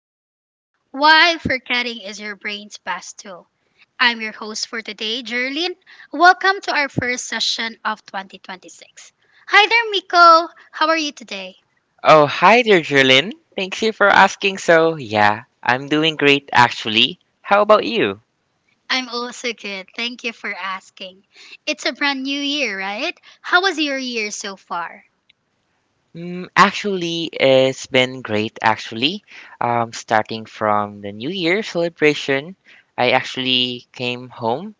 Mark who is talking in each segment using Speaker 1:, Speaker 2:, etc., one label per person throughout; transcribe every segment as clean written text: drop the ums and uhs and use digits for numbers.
Speaker 1: of mind. Why forgetting is your brain's best tool. I'm your host for today, Jerlyn. Welcome to our first session of 2026. Hi there, Miko. How are you today?
Speaker 2: Oh, hi there, Jerlyn. Thanks you for asking. So, yeah, I'm doing great actually. How about you?
Speaker 1: I'm also good. Thank you for asking. It's a brand new year, right? How was your year so far?
Speaker 2: Mm, actually, it's been great actually. Starting from the New Year celebration, I actually came home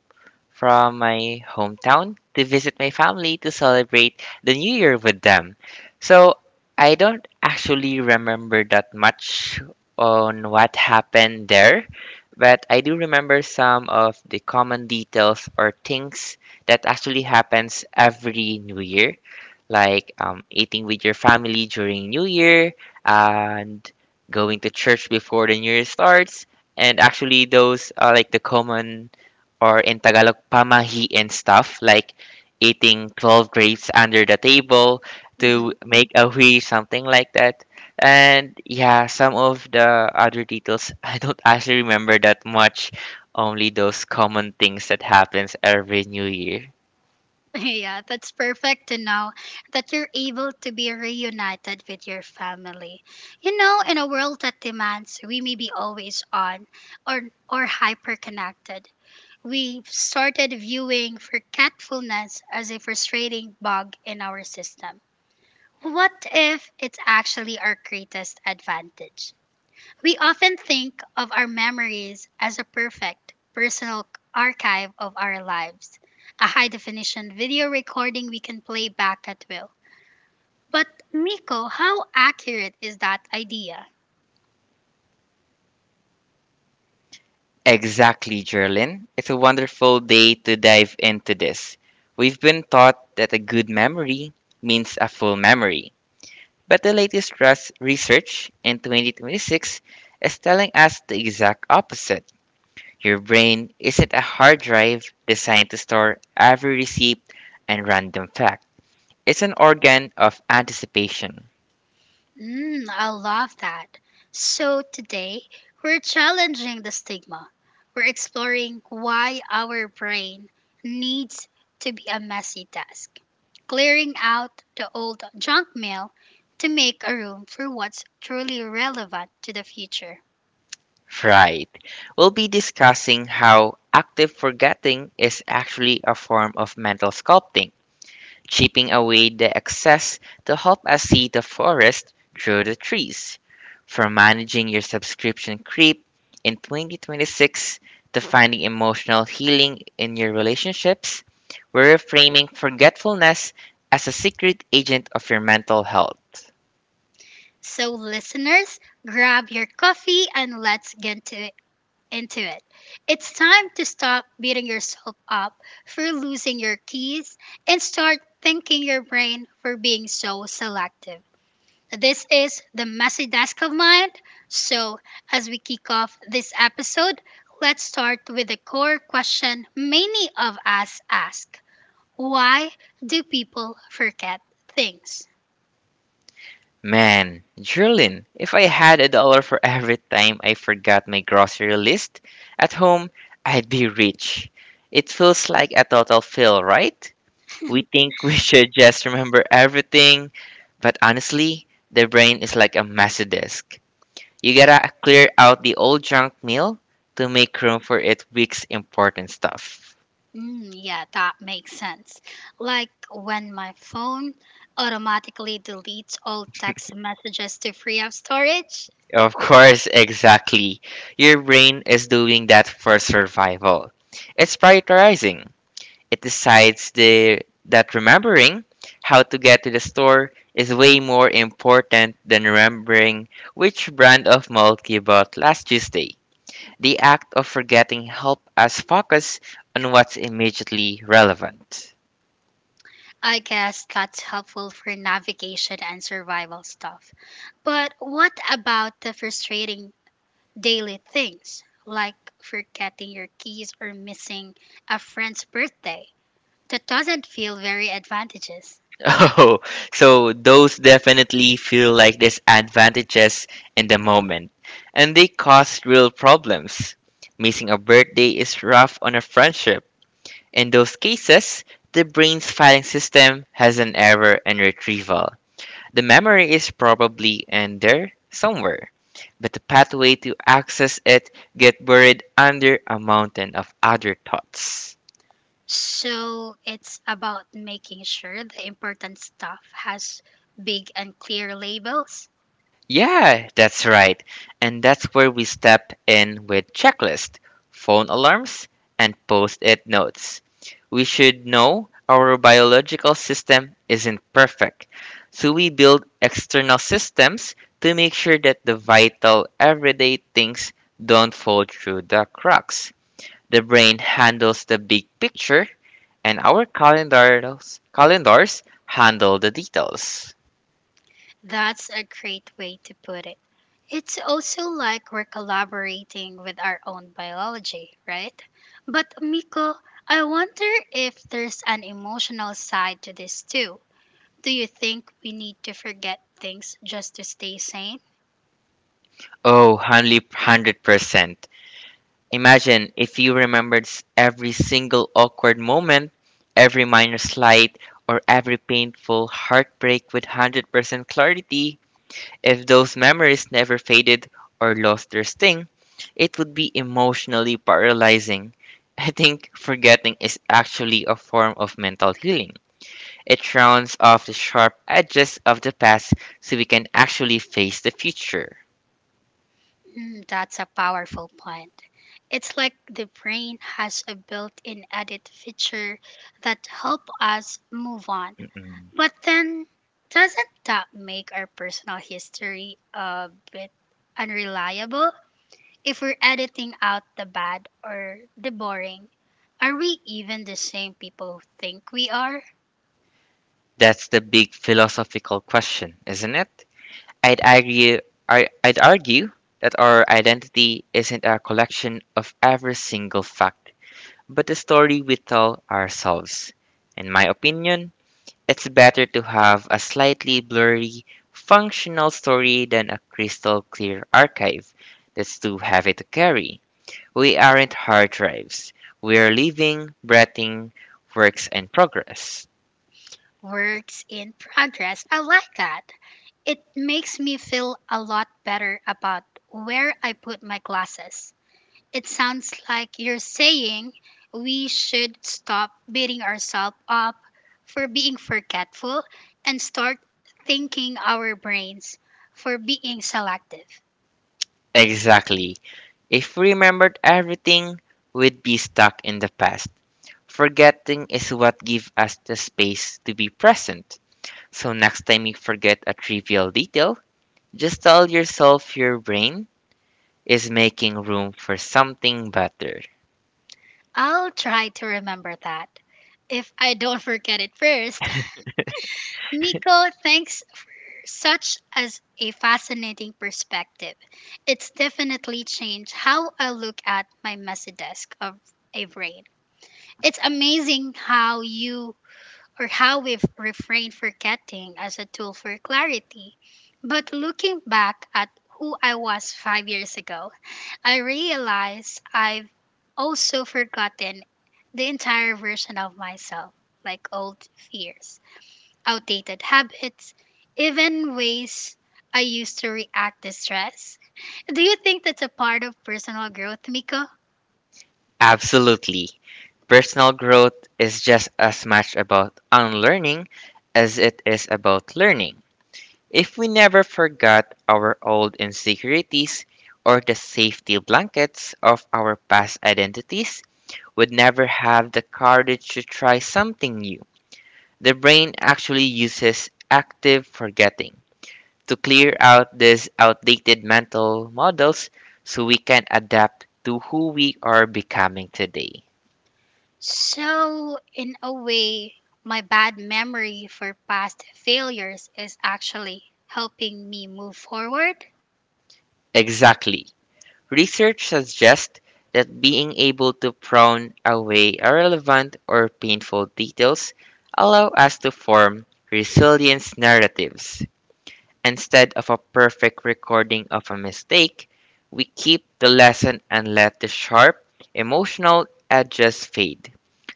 Speaker 2: from my hometown to visit my family to celebrate the new year with them. So I don't actually remember that much on what happened there, but I do remember some of the common details or things that actually happens every new year like eating with your family during New Year and going to church before the New Year starts. And actually, those are like the common or in Tagalog, pamahi and stuff, like eating 12 grapes under the table to make a hui, something like that. And yeah, some of the other details, I don't actually remember that much, only those common things that happens every New Year.
Speaker 1: Yeah, that's perfect to know that you're able to be reunited with your family. You know, in a world that demands we may be always on or hyper connected, we've started viewing forgetfulness as a frustrating bug in our system. What if it's actually our greatest advantage? We often think of our memories as a perfect personal archive of our lives, a high definition video recording we can play back at will. But, Miko, how accurate is that idea?
Speaker 2: Exactly, Gerlin. It's a wonderful day to dive into this. We've been taught that a good memory means a full memory. But the latest RUS research in 2026 is telling us the exact opposite. Your brain isn't a hard drive designed to store every receipt and random fact. It's an organ of anticipation.
Speaker 1: I love that. So today, we're challenging the stigma. We're exploring why our brain needs to be a messy desk, clearing out the old junk mail to make a room for what's truly relevant to the future.
Speaker 2: Right. We'll be discussing how active forgetting is actually a form of mental sculpting, chipping away the excess to help us see the forest through the trees. From managing your subscription creep in 2026 to finding emotional healing in your relationships, we're reframing forgetfulness as a secret agent of your mental health.
Speaker 1: So, listeners, grab your coffee and let's get to it. Into it. It's time to stop beating yourself up for losing your keys and start thanking your brain for being so selective. This is the messy desk of mind. So, as we kick off this episode, let's start with the core question many of us ask: Why do people forget things?
Speaker 2: Man, Jerlin, if I had a dollar for every time I forgot my grocery list at home, I'd be rich. It feels like a total fail, right? We think we should just remember everything, but honestly, the brain is like a messy disk. You gotta clear out the old junk mail to make room for its week's important stuff.
Speaker 1: Yeah, that makes sense. Like when my phone automatically deletes all text messages to free up storage.
Speaker 2: Of course, exactly. Your brain is doing that for survival. It's prioritizing. It decides that remembering how to get to the store is way more important than remembering which brand of milk you bought last Tuesday. The act of forgetting helps us focus on what's immediately relevant.
Speaker 1: I guess that's helpful for navigation and survival stuff. But what about the frustrating daily things, like forgetting your keys or missing a friend's birthday? That doesn't feel very advantageous.
Speaker 2: Oh, so those definitely feel like disadvantages in the moment, and they cause real problems. Missing a birthday is rough on a friendship. In those cases, the brain's filing system has an error in retrieval. The memory is probably in there somewhere, but the pathway to access it get buried under a mountain of other thoughts.
Speaker 1: So it's about making sure the important stuff has big and clear labels.
Speaker 2: Yeah, that's right. And that's where we step in with checklist, phone alarms, and post-it notes. We should know our biological system isn't perfect. So we build external systems to make sure that the vital everyday things don't fall through the cracks. The brain handles the big picture and our calendars handle the details.
Speaker 1: That's a great way to put it. It's also like we're collaborating with our own biology, right? But Miko, I wonder if there's an emotional side to this too. Do you think we need to forget things just to stay sane?
Speaker 2: Oh, hundred percent. Imagine if you every single awkward moment, every minor slight, or every painful heartbreak with 100% clarity. If those memories never faded or lost their sting, it would be emotionally paralyzing. I think forgetting is actually a form of mental healing. It rounds off the sharp edges of the past so we can actually face the future.
Speaker 1: That's a powerful point. It's like the brain has a built in edit feature that help us move on.
Speaker 2: Mm-mm.
Speaker 1: But then, doesn't that make our personal history a bit unreliable? If we're editing out the bad or the boring, are we even the same people who think we are?
Speaker 2: That's the big philosophical question, isn't it? I'd argue, I'd argue that our identity isn't a collection of every single fact, but the story we tell ourselves. In my opinion, it's better to have a slightly blurry, functional story than a crystal clear archive that's too heavy to carry. We aren't hard drives. We're living, breathing works in progress.
Speaker 1: Works in progress. I like that. It makes me feel a lot better about where I put my glasses. It sounds like you're saying we should stop beating ourselves up for being forgetful and start thanking our brains for being selective.
Speaker 2: Exactly. If we remembered everything, we'd be stuck in the past. Forgetting is what gives us the space to be present. So next time you forget a trivial detail, just tell yourself your brain is making room for something better.
Speaker 1: I'll try to remember that. If I don't forget it first, Miko, thanks for such as a fascinating perspective. It's definitely changed how I look at my messy desk of a brain. It's amazing how you or how we've refrained forgetting as a tool for clarity. But looking back at who I was 5 years ago, I realize I've also forgotten the entire version of myself, like old fears, outdated habits, even ways I used to react to stress. Do you think that's a part of personal growth, Miko?
Speaker 2: Absolutely. Personal growth is just as much about unlearning as it is about learning. If we never forgot our old insecurities or the safety blankets of our past identities, would never have the courage to try something new. The brain actually uses active forgetting to clear out these outdated mental models so we can adapt to who we are becoming today.
Speaker 1: So, in a way, my bad memory for past failures is actually helping me move forward.
Speaker 2: Exactly. Research suggests that being able to prune away irrelevant or painful details allow us to form resilience narratives. Instead of a perfect recording of a mistake, we keep the lesson and let the sharp emotional edges fade.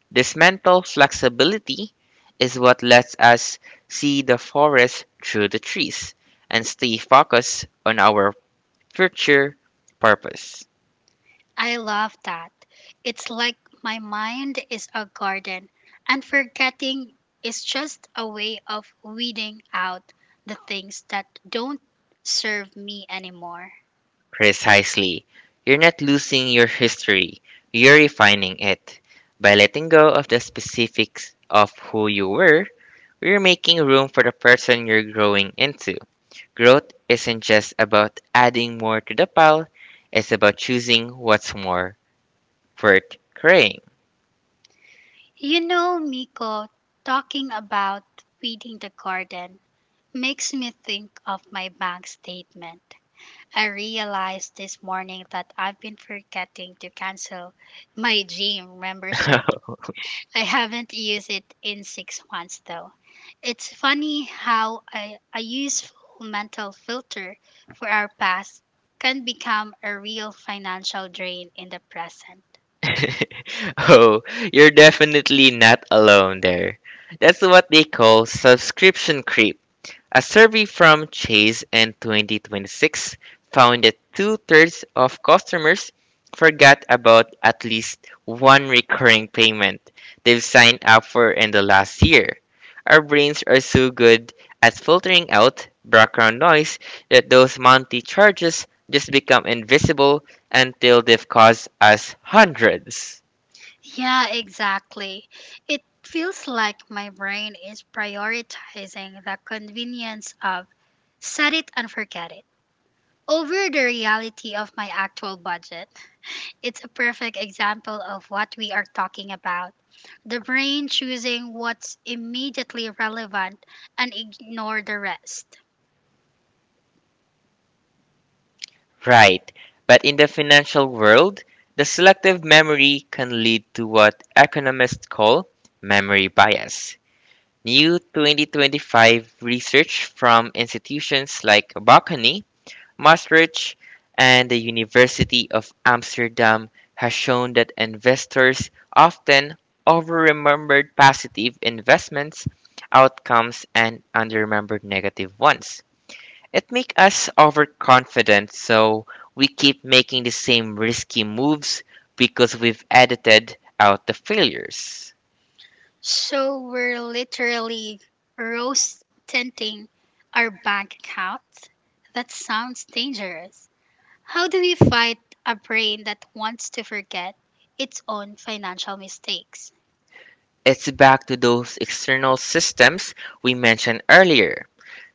Speaker 2: This mental flexibility is what lets us see the forest through the trees and stay focused on our future purpose.
Speaker 1: I love that. It's like my mind is a garden, and forgetting is just a way of weeding out the things that don't serve me anymore.
Speaker 2: Precisely. You're not losing your history, you're refining it. By letting go of the specifics of who you were, we're making room for the person you're growing into. Growth isn't just about adding more to the pile, it's about choosing what's more worth carrying.
Speaker 1: You know, Miko, talking about weeding the garden makes me think of my bank statement. I realized this morning that I've been forgetting to cancel my gym membership. I haven't used it in 6 months though. It's funny how a useful mental filter for our past can become a real financial drain in the present.
Speaker 2: Oh, you're definitely not alone there. That's what they call subscription creep. A survey from Chase in 2026 found that two-thirds of customers forgot about at least one recurring payment they've signed up for in the last year. Our brains are so good at filtering out background noise that those monthly charges just become invisible until they've cost us hundreds.
Speaker 1: Yeah, exactly. It feels like my brain is prioritizing the convenience of set it and forget it over the reality of my actual budget. It's a perfect example of what we are talking about. The brain choosing what's immediately relevant and ignore the rest.
Speaker 2: Right. But in the financial world, the selective memory can lead to what economists call memory bias. New 2025 research from institutions like Bocconi, Maastricht, and the University of Amsterdam has shown that investors often overremembered positive investments outcomes and underremembered negative ones. It makes us overconfident, so we keep making the same risky moves because we've edited out the failures.
Speaker 1: So we're literally rose tinting our bank accounts. That sounds dangerous. How do we fight a brain that wants to forget its own financial mistakes?
Speaker 2: It's back to those external systems we mentioned earlier.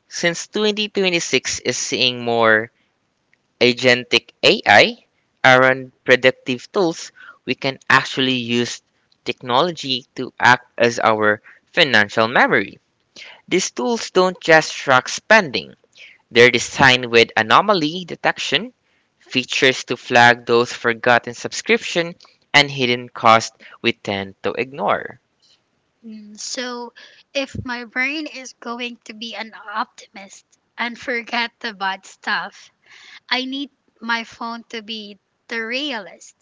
Speaker 2: Since 2026 is seeing more agentic AI around predictive tools, we can actually use technology to act as our financial memory. These tools don't just track spending, they're designed with anomaly detection features to flag those forgotten subscription, and hidden costs we tend to ignore.
Speaker 1: So, if my brain is going to be an optimist and forget the bad stuff, I need my phone to be the realist.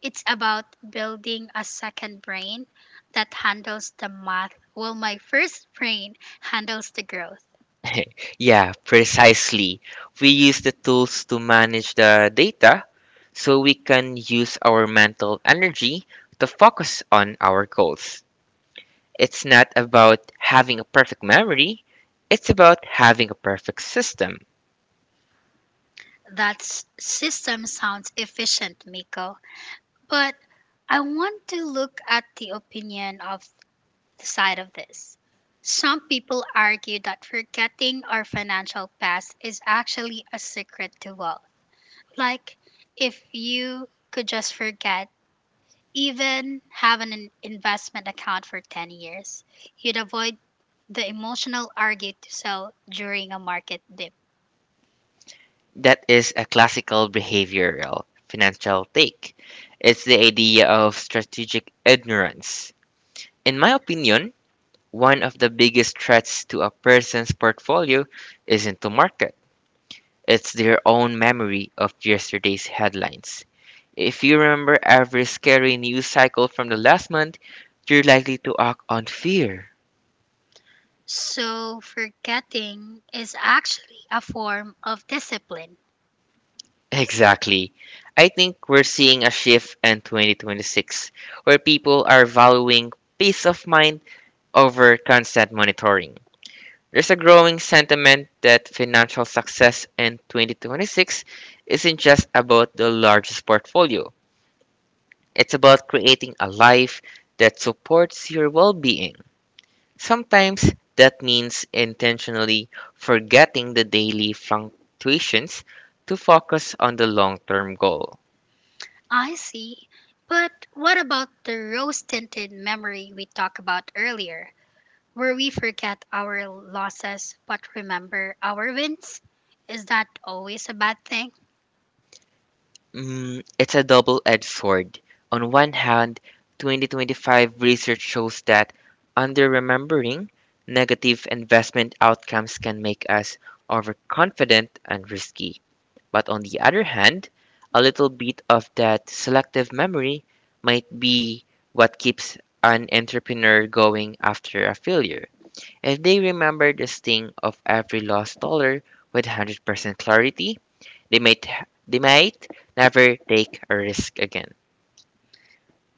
Speaker 1: It's about building a second brain that handles the math while my first brain handles the growth.
Speaker 2: Yeah, precisely. We use the tools to manage the data so we can use our mental energy to focus on our goals. It's not about having a perfect memory, it's about having a perfect system.
Speaker 1: That system sounds efficient, Miko, but I want to look at the opinion of the side of this. Some people argue that forgetting our financial past is actually a secret to wealth. Like, if you could just forget even have an investment account for 10 years. You'd avoid the emotional argue to sell during a market dip.
Speaker 2: That is a classical behavioral financial take. It's the idea of strategic ignorance. In my opinion, one of the biggest threats to a person's portfolio isn't the market, it's their own memory of yesterday's headlines. If you remember every scary news cycle from the last month, you're likely to act on fear.
Speaker 1: So, forgetting is actually a form of discipline.
Speaker 2: Exactly. I think we're seeing a shift in 2026 where people are valuing peace of mind over constant monitoring. There's a growing sentiment that financial success in 2026 isn't just about the largest portfolio, it's about creating a life that supports your well being. Sometimes that means intentionally forgetting the daily fluctuations to focus on the long term goal.
Speaker 1: I see. But what about the rose tinted memory we talked about earlier, where we forget our losses but remember our wins? Is that always a bad thing?
Speaker 2: Mm, it's a double edged sword. On one hand, 2025 research shows that under remembering negative investment outcomes can make us overconfident and risky. But on the other hand, a little bit of that selective memory might be what keeps an entrepreneur going after a failure. If they remember the sting of every lost dollar with 100% clarity, they might never take a risk again.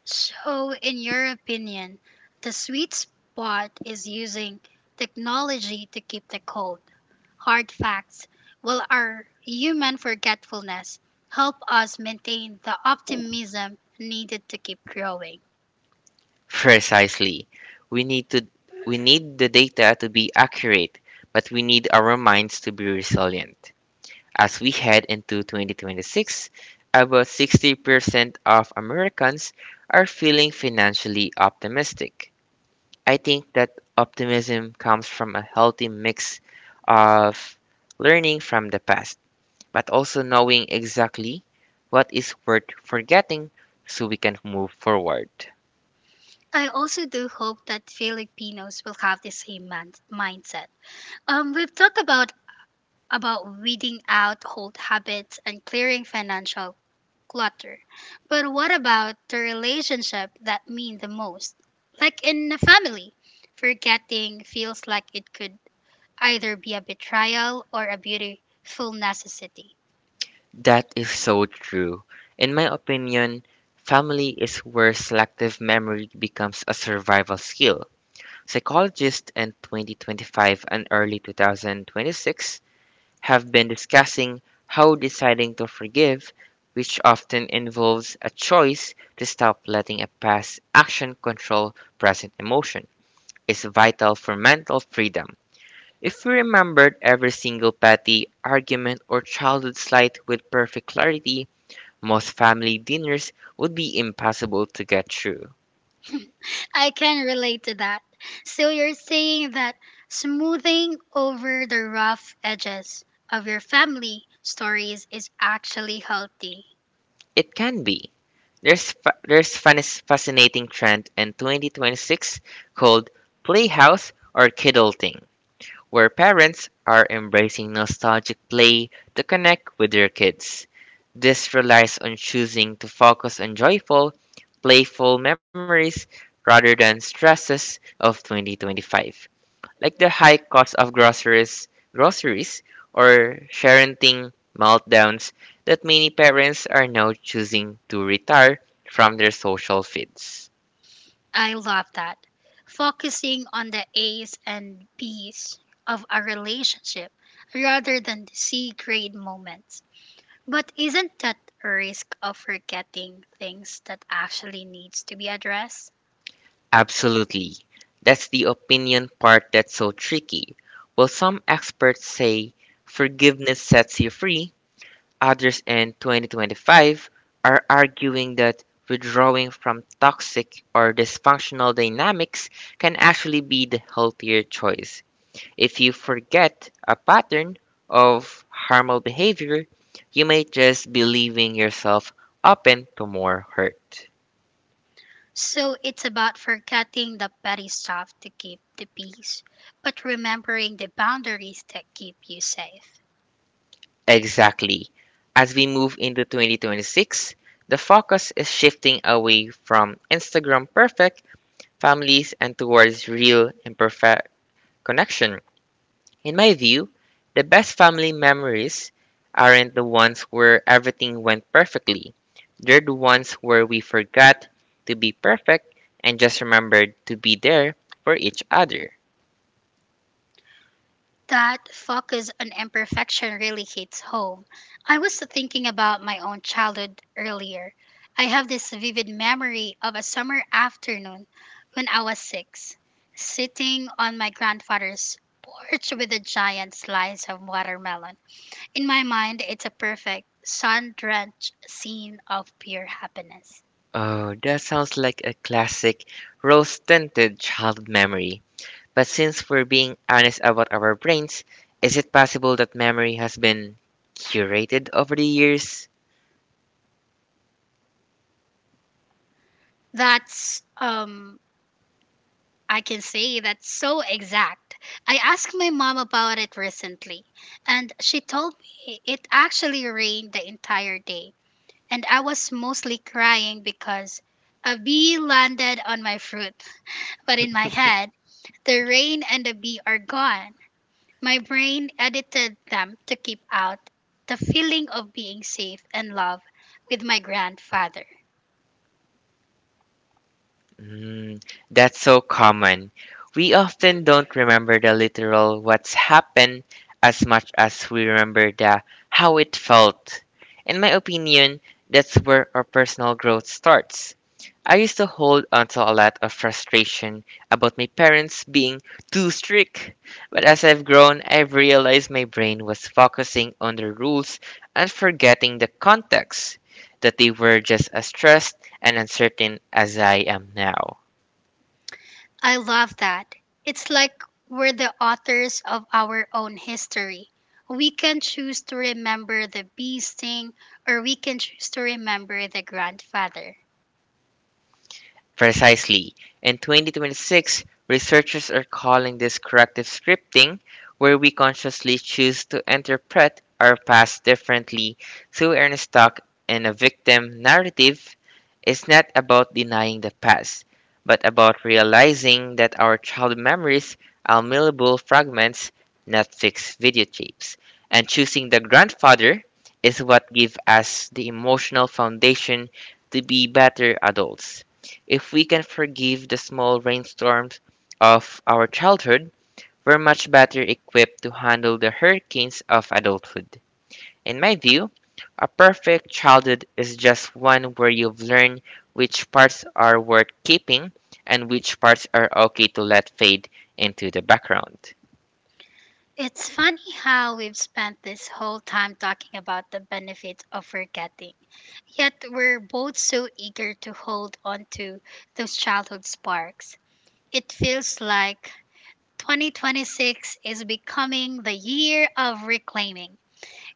Speaker 1: So, in your opinion, the sweet spot is using technology to keep the cold, hard facts, while our human forgetfulness help us maintain the optimism needed to keep growing.
Speaker 2: Precisely. We need to we need the data to be accurate, but we need our minds to be resilient. As we head into 2026, about 60% of Americans are feeling financially optimistic. I think that optimism comes from a healthy mix of learning from the past but also knowing exactly what is worth forgetting so we can move forward.
Speaker 1: I also do hope that Filipinos will have the same mindset. We've talked about weeding out old habits and clearing financial clutter. But what about the relationship that mean the most? Like in a family, forgetting feels like it could either be a betrayal or a beautiful necessity.
Speaker 2: That is so true. In my opinion, family is where selective memory becomes a survival skill. Psychologists in 2025 and early 2026 have been discussing how deciding to forgive, which often involves a choice to stop letting a past action control present emotion, is vital for mental freedom. If we remembered every single petty argument or childhood slight with perfect clarity, most family dinners would be impossible to get through.
Speaker 1: I can relate to that. So you're saying that smoothing over the rough edges of your family stories is actually healthy.
Speaker 2: It can be. There's fa- there's fas- fascinating trend in 2026 called playhouse or kidulting, where parents are embracing nostalgic play to connect with their kids. This relies on choosing to focus on joyful, playful memories rather than stresses of 2025, like the high cost of groceries or parenting meltdowns that many parents are now choosing to retire from their social feeds.
Speaker 1: I love that. Focusing on the A's and B's of a relationship rather than the C grade moments. But isn't that a risk of forgetting things that actually needs to be addressed?
Speaker 2: Absolutely. That's the opinion part that's so tricky. Well, some experts say forgiveness sets you free, others in 2025 are arguing that withdrawing from toxic or dysfunctional dynamics can actually be the healthier choice. If you forget a pattern of harmful behavior, you may just be leaving yourself open to more hurt.
Speaker 1: So it's about forgetting the petty stuff to keep the peace, but remembering the boundaries that keep you safe.
Speaker 2: Exactly. As we move into 2026, the focus is shifting away from Instagram perfect families and towards real and perfect connection. In my view, the best family memories aren't the ones where everything went perfectly. They're the ones where we forgot to be perfect and just remembered to be there for each other.
Speaker 1: That focus on imperfection really hits home. I was thinking about my own childhood earlier. I have this vivid memory of a summer afternoon when I was six, sitting on my grandfather's porch with a giant slice of watermelon. In my mind, it's a perfect sun drenched scene of pure happiness.
Speaker 2: Oh, that sounds like a classic rose tinted child memory. But since we're being honest about our brains, is it possible that memory has been curated over the years?
Speaker 1: That's I can say that's so exact. I asked my mom about it recently, and she told me it actually rained the entire day, and I was mostly crying because a bee landed on my fruit. But in my head, the rain and the bee are gone. My brain edited them to keep out the feeling of being safe and love with my grandfather.
Speaker 2: Mm, that's so common. We often don't remember the literal what's happened as much as we remember the how it felt. In my opinion, that's where our personal growth starts. I used to hold onto a lot of frustration about my parents being too strict, but as I've grown, I've realized my brain was focusing on the rules and forgetting the context, that they were just as stressed and uncertain as I am now.
Speaker 1: I love that. It's like we're the authors of our own history. We can choose to remember the bee sting, or we can choose to remember the grandfather.
Speaker 2: Precisely. In 2026, researchers are calling this corrective scripting, where we consciously choose to interpret our past differently. So we are stuck in a victim narrative. It's not about denying the past, but about realizing that our child memories are malleable fragments, not fixed videotapes. And choosing the grandfather is what gives us the emotional foundation to be better adults. If we can forgive the small rainstorms of our childhood, we're much better equipped to handle the hurricanes of adulthood. In my view, a perfect childhood is just one where you've learned which parts are worth keeping and which parts are okay to let fade into the background.
Speaker 1: It's funny how we've spent this whole time talking about the benefits of forgetting, yet we're both so eager to hold on to those childhood sparks. It feels like 2026 is becoming the year of reclaiming,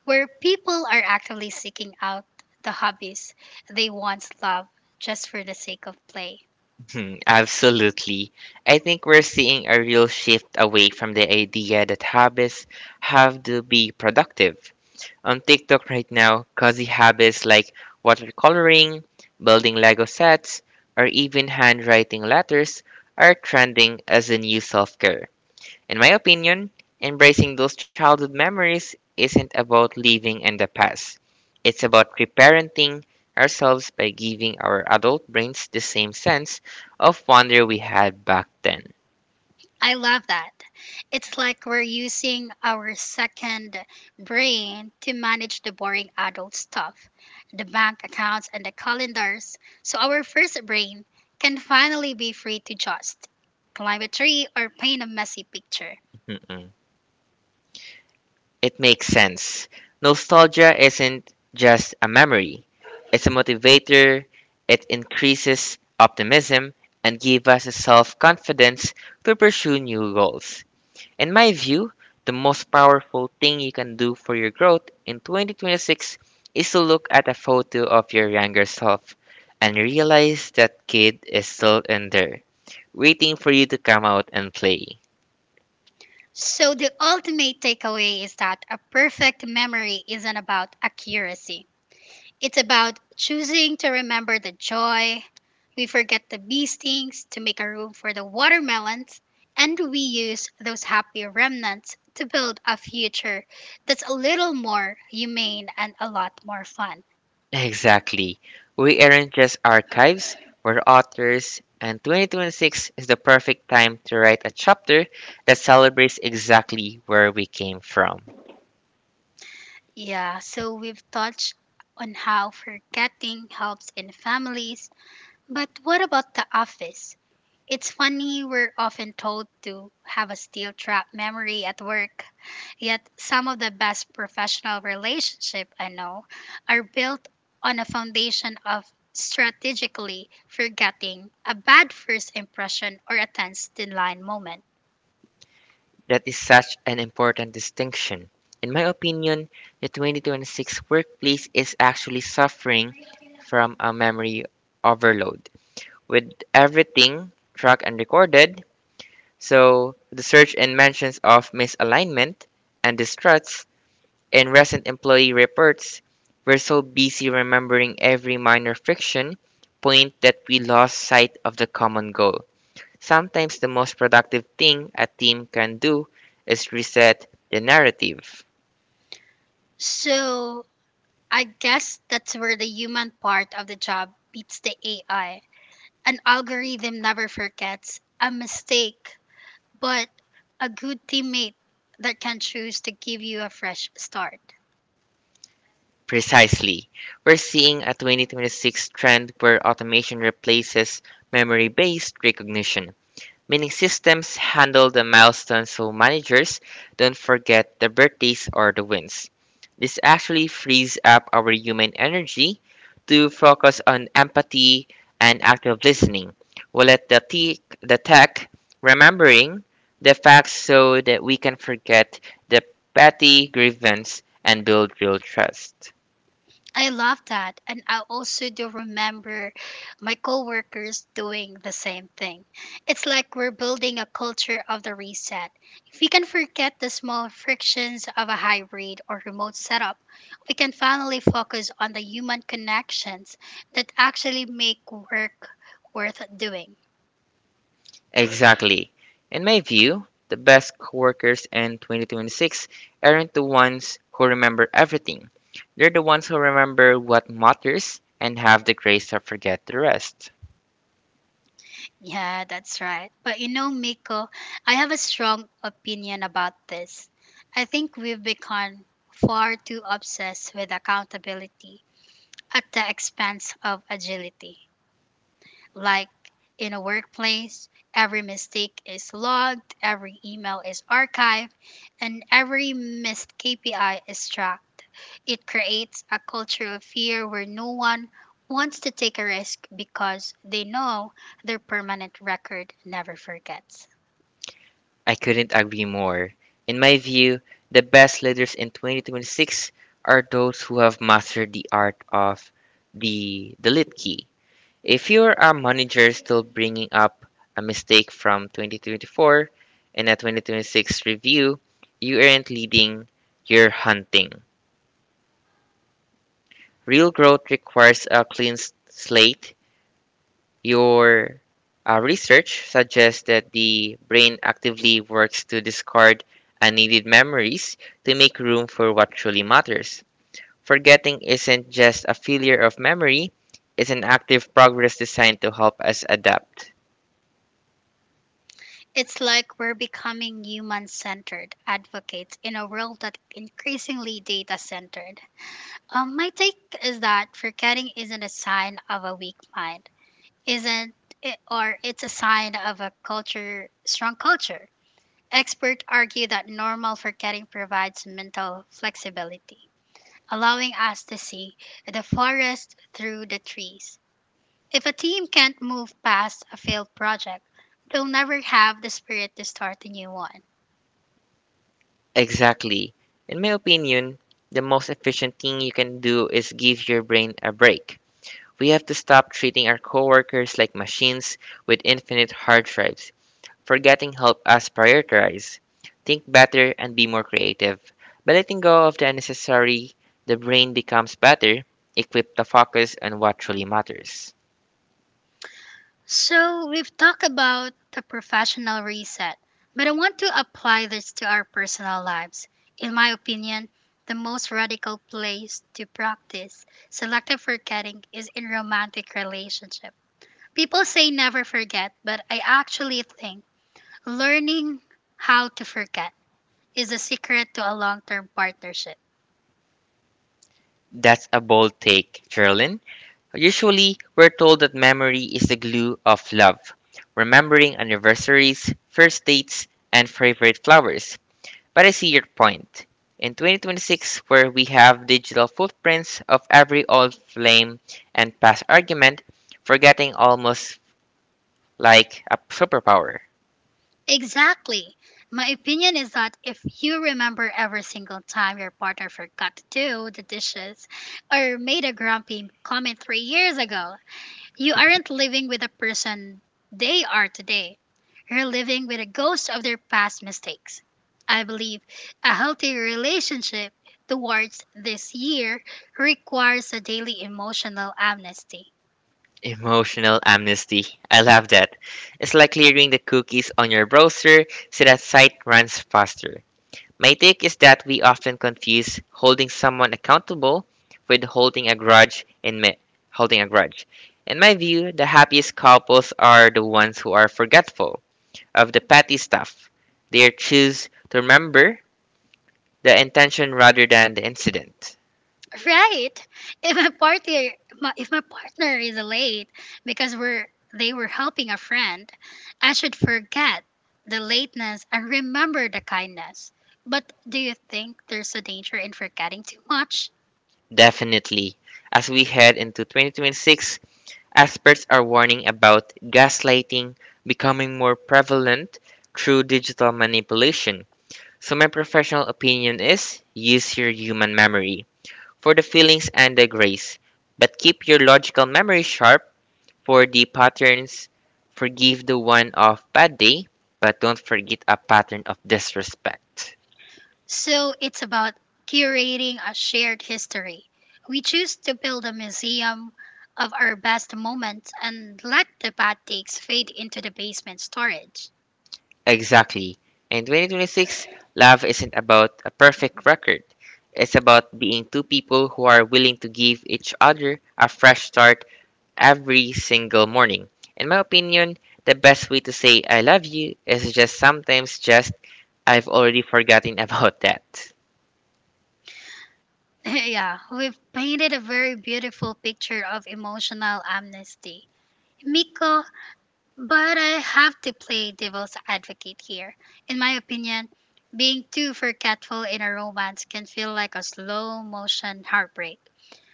Speaker 1: where people are actively seeking out the hobbies they once loved just for the sake of play.
Speaker 2: Absolutely. I think we're seeing a real shift away from the idea that habits have to be productive on TikTok right now. Cozy habits like watercoloring, building Lego sets, or even handwriting letters are trending as a new self care. In my opinion, embracing those childhood memories isn't about living in the past, it's about reparenting ourselves by giving our adult brains the same sense of wonder we had back then.
Speaker 1: I love that. It's like we're using our second brain to manage the boring adult stuff, the bank accounts and the calendars, so our first brain can finally be free to just climb a tree or paint a messy picture.
Speaker 2: It makes sense. Nostalgia isn't just a memory, it's a motivator, it increases optimism and gives us a self confidence to pursue new goals. In my view, the most powerful thing you can do for your growth in 2026 is to look at a photo of your younger self and realize that kid is still in there, waiting for you to come out and play.
Speaker 1: So, the ultimate takeaway is that a perfect memory isn't about accuracy. It's about choosing to remember the joy. We forget the bee stings to make a room for the watermelons, and we use those happy remnants to build a future that's a little more humane and a lot more fun.
Speaker 2: Exactly. We aren't just archives, we're authors, and 2026 is the perfect time to write a chapter that celebrates exactly where we came from.
Speaker 1: Yeah, so we've touched on how forgetting helps in families, but what about the office? It's funny, we're often told to have a steel trap memory at work, yet some of the best professional relationships I know are built on a foundation of strategically forgetting a bad first impression or a tense deadline moment.
Speaker 2: That is such an important distinction. In my opinion, the 2026 workplace is actually suffering from a memory overload. With everything tracked and recorded, so the search and mentions of misalignment and distrust in recent employee reports, we're so busy remembering every minor friction point that we lost sight of the common goal. Sometimes the most productive thing a team can do is reset the narrative.
Speaker 1: So I guess that's where the human part of the job beats the AI. An algorithm never forgets a mistake, but a good teammate that can choose to give you a fresh start.
Speaker 2: Precisely. We're seeing a 2026 trend where automation replaces memory based recognition, meaning systems handle the milestones so managers don't forget the birthdays or the wins. This actually frees up our human energy to focus on empathy and active listening. We'll let the, the tech remembering the facts so that we can forget the petty grievance and build real trust.
Speaker 1: I love that. And I also do remember my coworkers doing the same thing. It's like we're building a culture of the reset. If we can forget the small frictions of a hybrid or remote setup, we can finally focus on the human connections that actually make work worth doing.
Speaker 2: Exactly. In my view, the best coworkers in 2026 aren't the ones who remember everything. They're the ones who remember what matters and have the grace to forget the rest.
Speaker 1: Yeah, that's right. But you know, Miko, I have a strong opinion about this. I think we've become far too obsessed with accountability at the expense of agility, like in a workplace, every mistake is logged, every email is archived, and every missed KPI is tracked. It creates a culture of fear where no one wants to take a risk because they know their permanent record never forgets.
Speaker 2: I couldn't agree more. In my view, the best leaders in 2026 are those who have mastered the art of the delete key. If you're a manager still bringing up a mistake from 2024 in a 2026 review, you aren't leading, you're hunting. Real growth requires a clean slate. Your research suggests that the brain actively works to discard unneeded memories to make room for what truly matters. Forgetting isn't just a failure of memory, it's an active progress designed to help us adapt.
Speaker 1: It's like we're becoming human centered advocates in a world that increasingly data centered. My take is that forgetting isn't a sign of a weak mind isn't it, or it's a sign of a culture strong culture. Experts argue that normal forgetting provides mental flexibility, allowing us to see the forest through the trees. If a team can't move past a failed project, they'll never have the spirit to start a new one.
Speaker 2: Exactly. In my opinion, the most efficient thing you can do is give your brain a break. We have to stop treating our coworkers like machines with infinite hard drives. Forgetting help us prioritize, think better, and be more creative. By letting go of the unnecessary, the brain becomes better, equipped to focus on what truly matters.
Speaker 1: So, we've talked about the professional reset, but I want to apply this to our personal lives. In my opinion, the most radical place to practice selective forgetting is in romantic relationships. People say never forget, but I actually think learning how to forget is the secret to a long-term partnership.
Speaker 2: That's a bold take, Geraldine. Usually, we're told that memory is the glue of love, remembering anniversaries, first dates, and favorite flowers. But I see your point. In 2026, where we have digital footprints of every old flame and past argument, forgetting almost like a superpower.
Speaker 1: Exactly. My opinion is that if you remember every single time your partner forgot to do the dishes or made a grumpy comment 3 years ago, you aren't living with the person they are today. You're living with a ghost of their past mistakes. I believe a healthy relationship towards this year requires a daily emotional amnesty.
Speaker 2: Emotional amnesty. I love that. It's like clearing the cookies on your browser so that site runs faster. My take is that we often confuse holding someone accountable with holding a grudge holding a grudge. In my view, the happiest couples are the ones who are forgetful of the petty stuff. They choose to remember the intention rather than the incident.
Speaker 1: Right. If if my partner is late because we're they were helping a friend, I should forget the lateness and remember the kindness. But do you think there's a danger in forgetting too much?
Speaker 2: Definitely, as we head into 2026, experts are warning about gaslighting becoming more prevalent through digital manipulation. So, my professional opinion is use your human memory for the feelings and the grace, but keep your logical memory sharp for the patterns. Forgive the one of bad day, but don't forget a pattern of disrespect.
Speaker 1: So it's about curating a shared history. We choose to build a museum of our best moments and let the bad takes fade into the basement storage.
Speaker 2: Exactly. In 2026, love isn't about a perfect record. It's about being two people who are willing to give each other a fresh start every single morning. In my opinion, the best way to say I love you is just sometimes just I've already forgotten about that.
Speaker 1: Yeah, we've painted a very beautiful picture of emotional amnesty, Miko, but I have to play devil's advocate here. In my opinion, being too forgetful in a romance can feel like a slow motion heartbreak.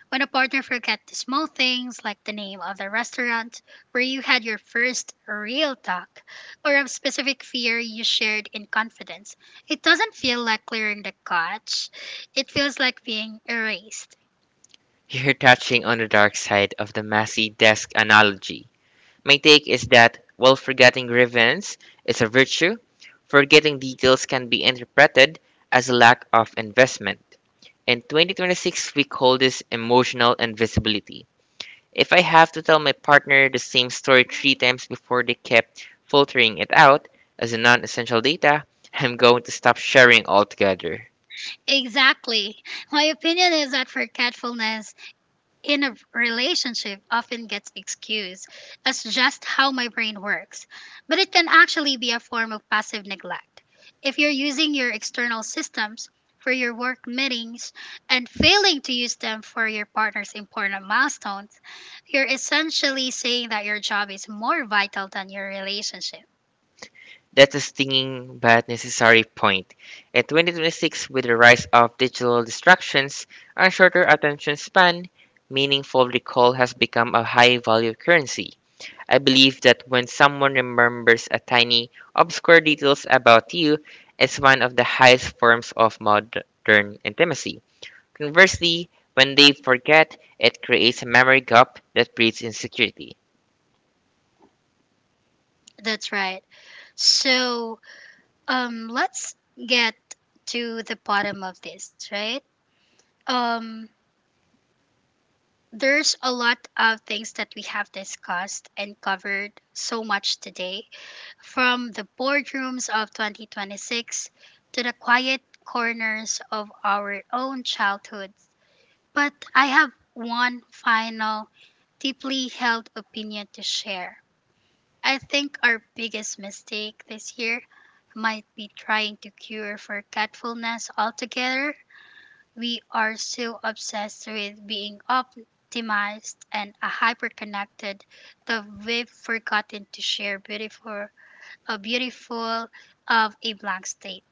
Speaker 1: When a partner forgets the small things like the name of the restaurant where you had your first real talk or a specific fear you shared in confidence, it doesn't feel like clearing the couch. It feels like being erased.
Speaker 2: You're touching on the dark side of the messy desk analogy. My take is that while forgetting grievance is a virtue, forgetting details can be interpreted as a lack of investment. In 2026, we call this emotional invisibility. If I have to tell my partner the same story three times before they kept filtering it out as a non essential data, I'm going to stop sharing altogether.
Speaker 1: Exactly. My opinion is that forgetfulness in a relationship often gets excused as just how my brain works, but it can actually be a form of passive neglect. If you're using your external systems for your work meetings and failing to use them for your partner's important milestones, you're essentially saying that your job is more vital than your relationship.
Speaker 2: That's a stinging but necessary point. In 2026, with the rise of digital distractions and shorter attention span, meaningful recall has become a high value currency. I believe that when someone remembers a tiny, obscure details about you, it's one of the highest forms of modern intimacy. Conversely, when they forget, it creates a memory gap that breeds insecurity.
Speaker 1: That's right. So, let's get to the bottom of this, right? Um, there's a lot of things that we have discussed and covered so much today, from the boardrooms of 2026 to the quiet corners of our own childhoods. But I have one final, deeply held opinion to share. I think our biggest mistake this year might be trying to cure forgetfulness altogether. We are so obsessed with being optimized and hyper-connected that we've forgotten to share a beautiful of a blank state.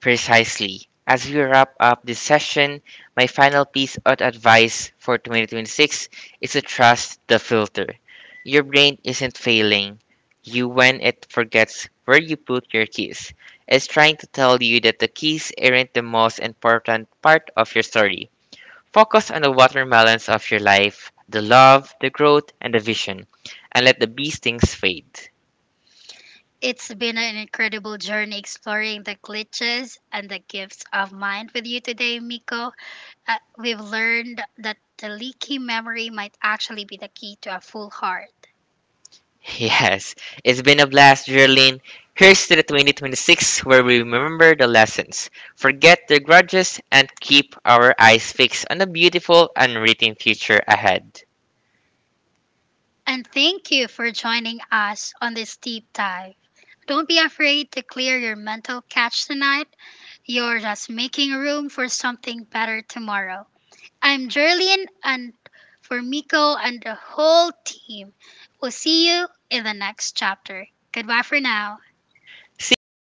Speaker 2: Precisely. As we wrap up this session, my final piece of advice for 2026 is to trust the filter. Your brain isn't failing you when it forgets where you put your keys. It's trying to tell you that the keys aren't the most important part of your story. Focus on the watermelons of your life, the love, the growth, and the vision, and let the bee stings fade.
Speaker 1: It's been an incredible journey exploring the glitches and the gifts of mind with you today, Miko. We've learned that the leaky memory might actually be the key to a full heart.
Speaker 2: Yes, it's been a blast, Geraldine. Here's to the 2026 where we remember the lessons, forget the grudges, and keep our eyes fixed on the beautiful, unwritten future ahead.
Speaker 1: And thank you for joining us on this deep dive. Don't be afraid to clear your mental cache tonight. You're just making room for something better tomorrow. I'm Jerlyn, and for Miko and the whole team, we'll see you in the next chapter. Goodbye for now.
Speaker 2: See ya!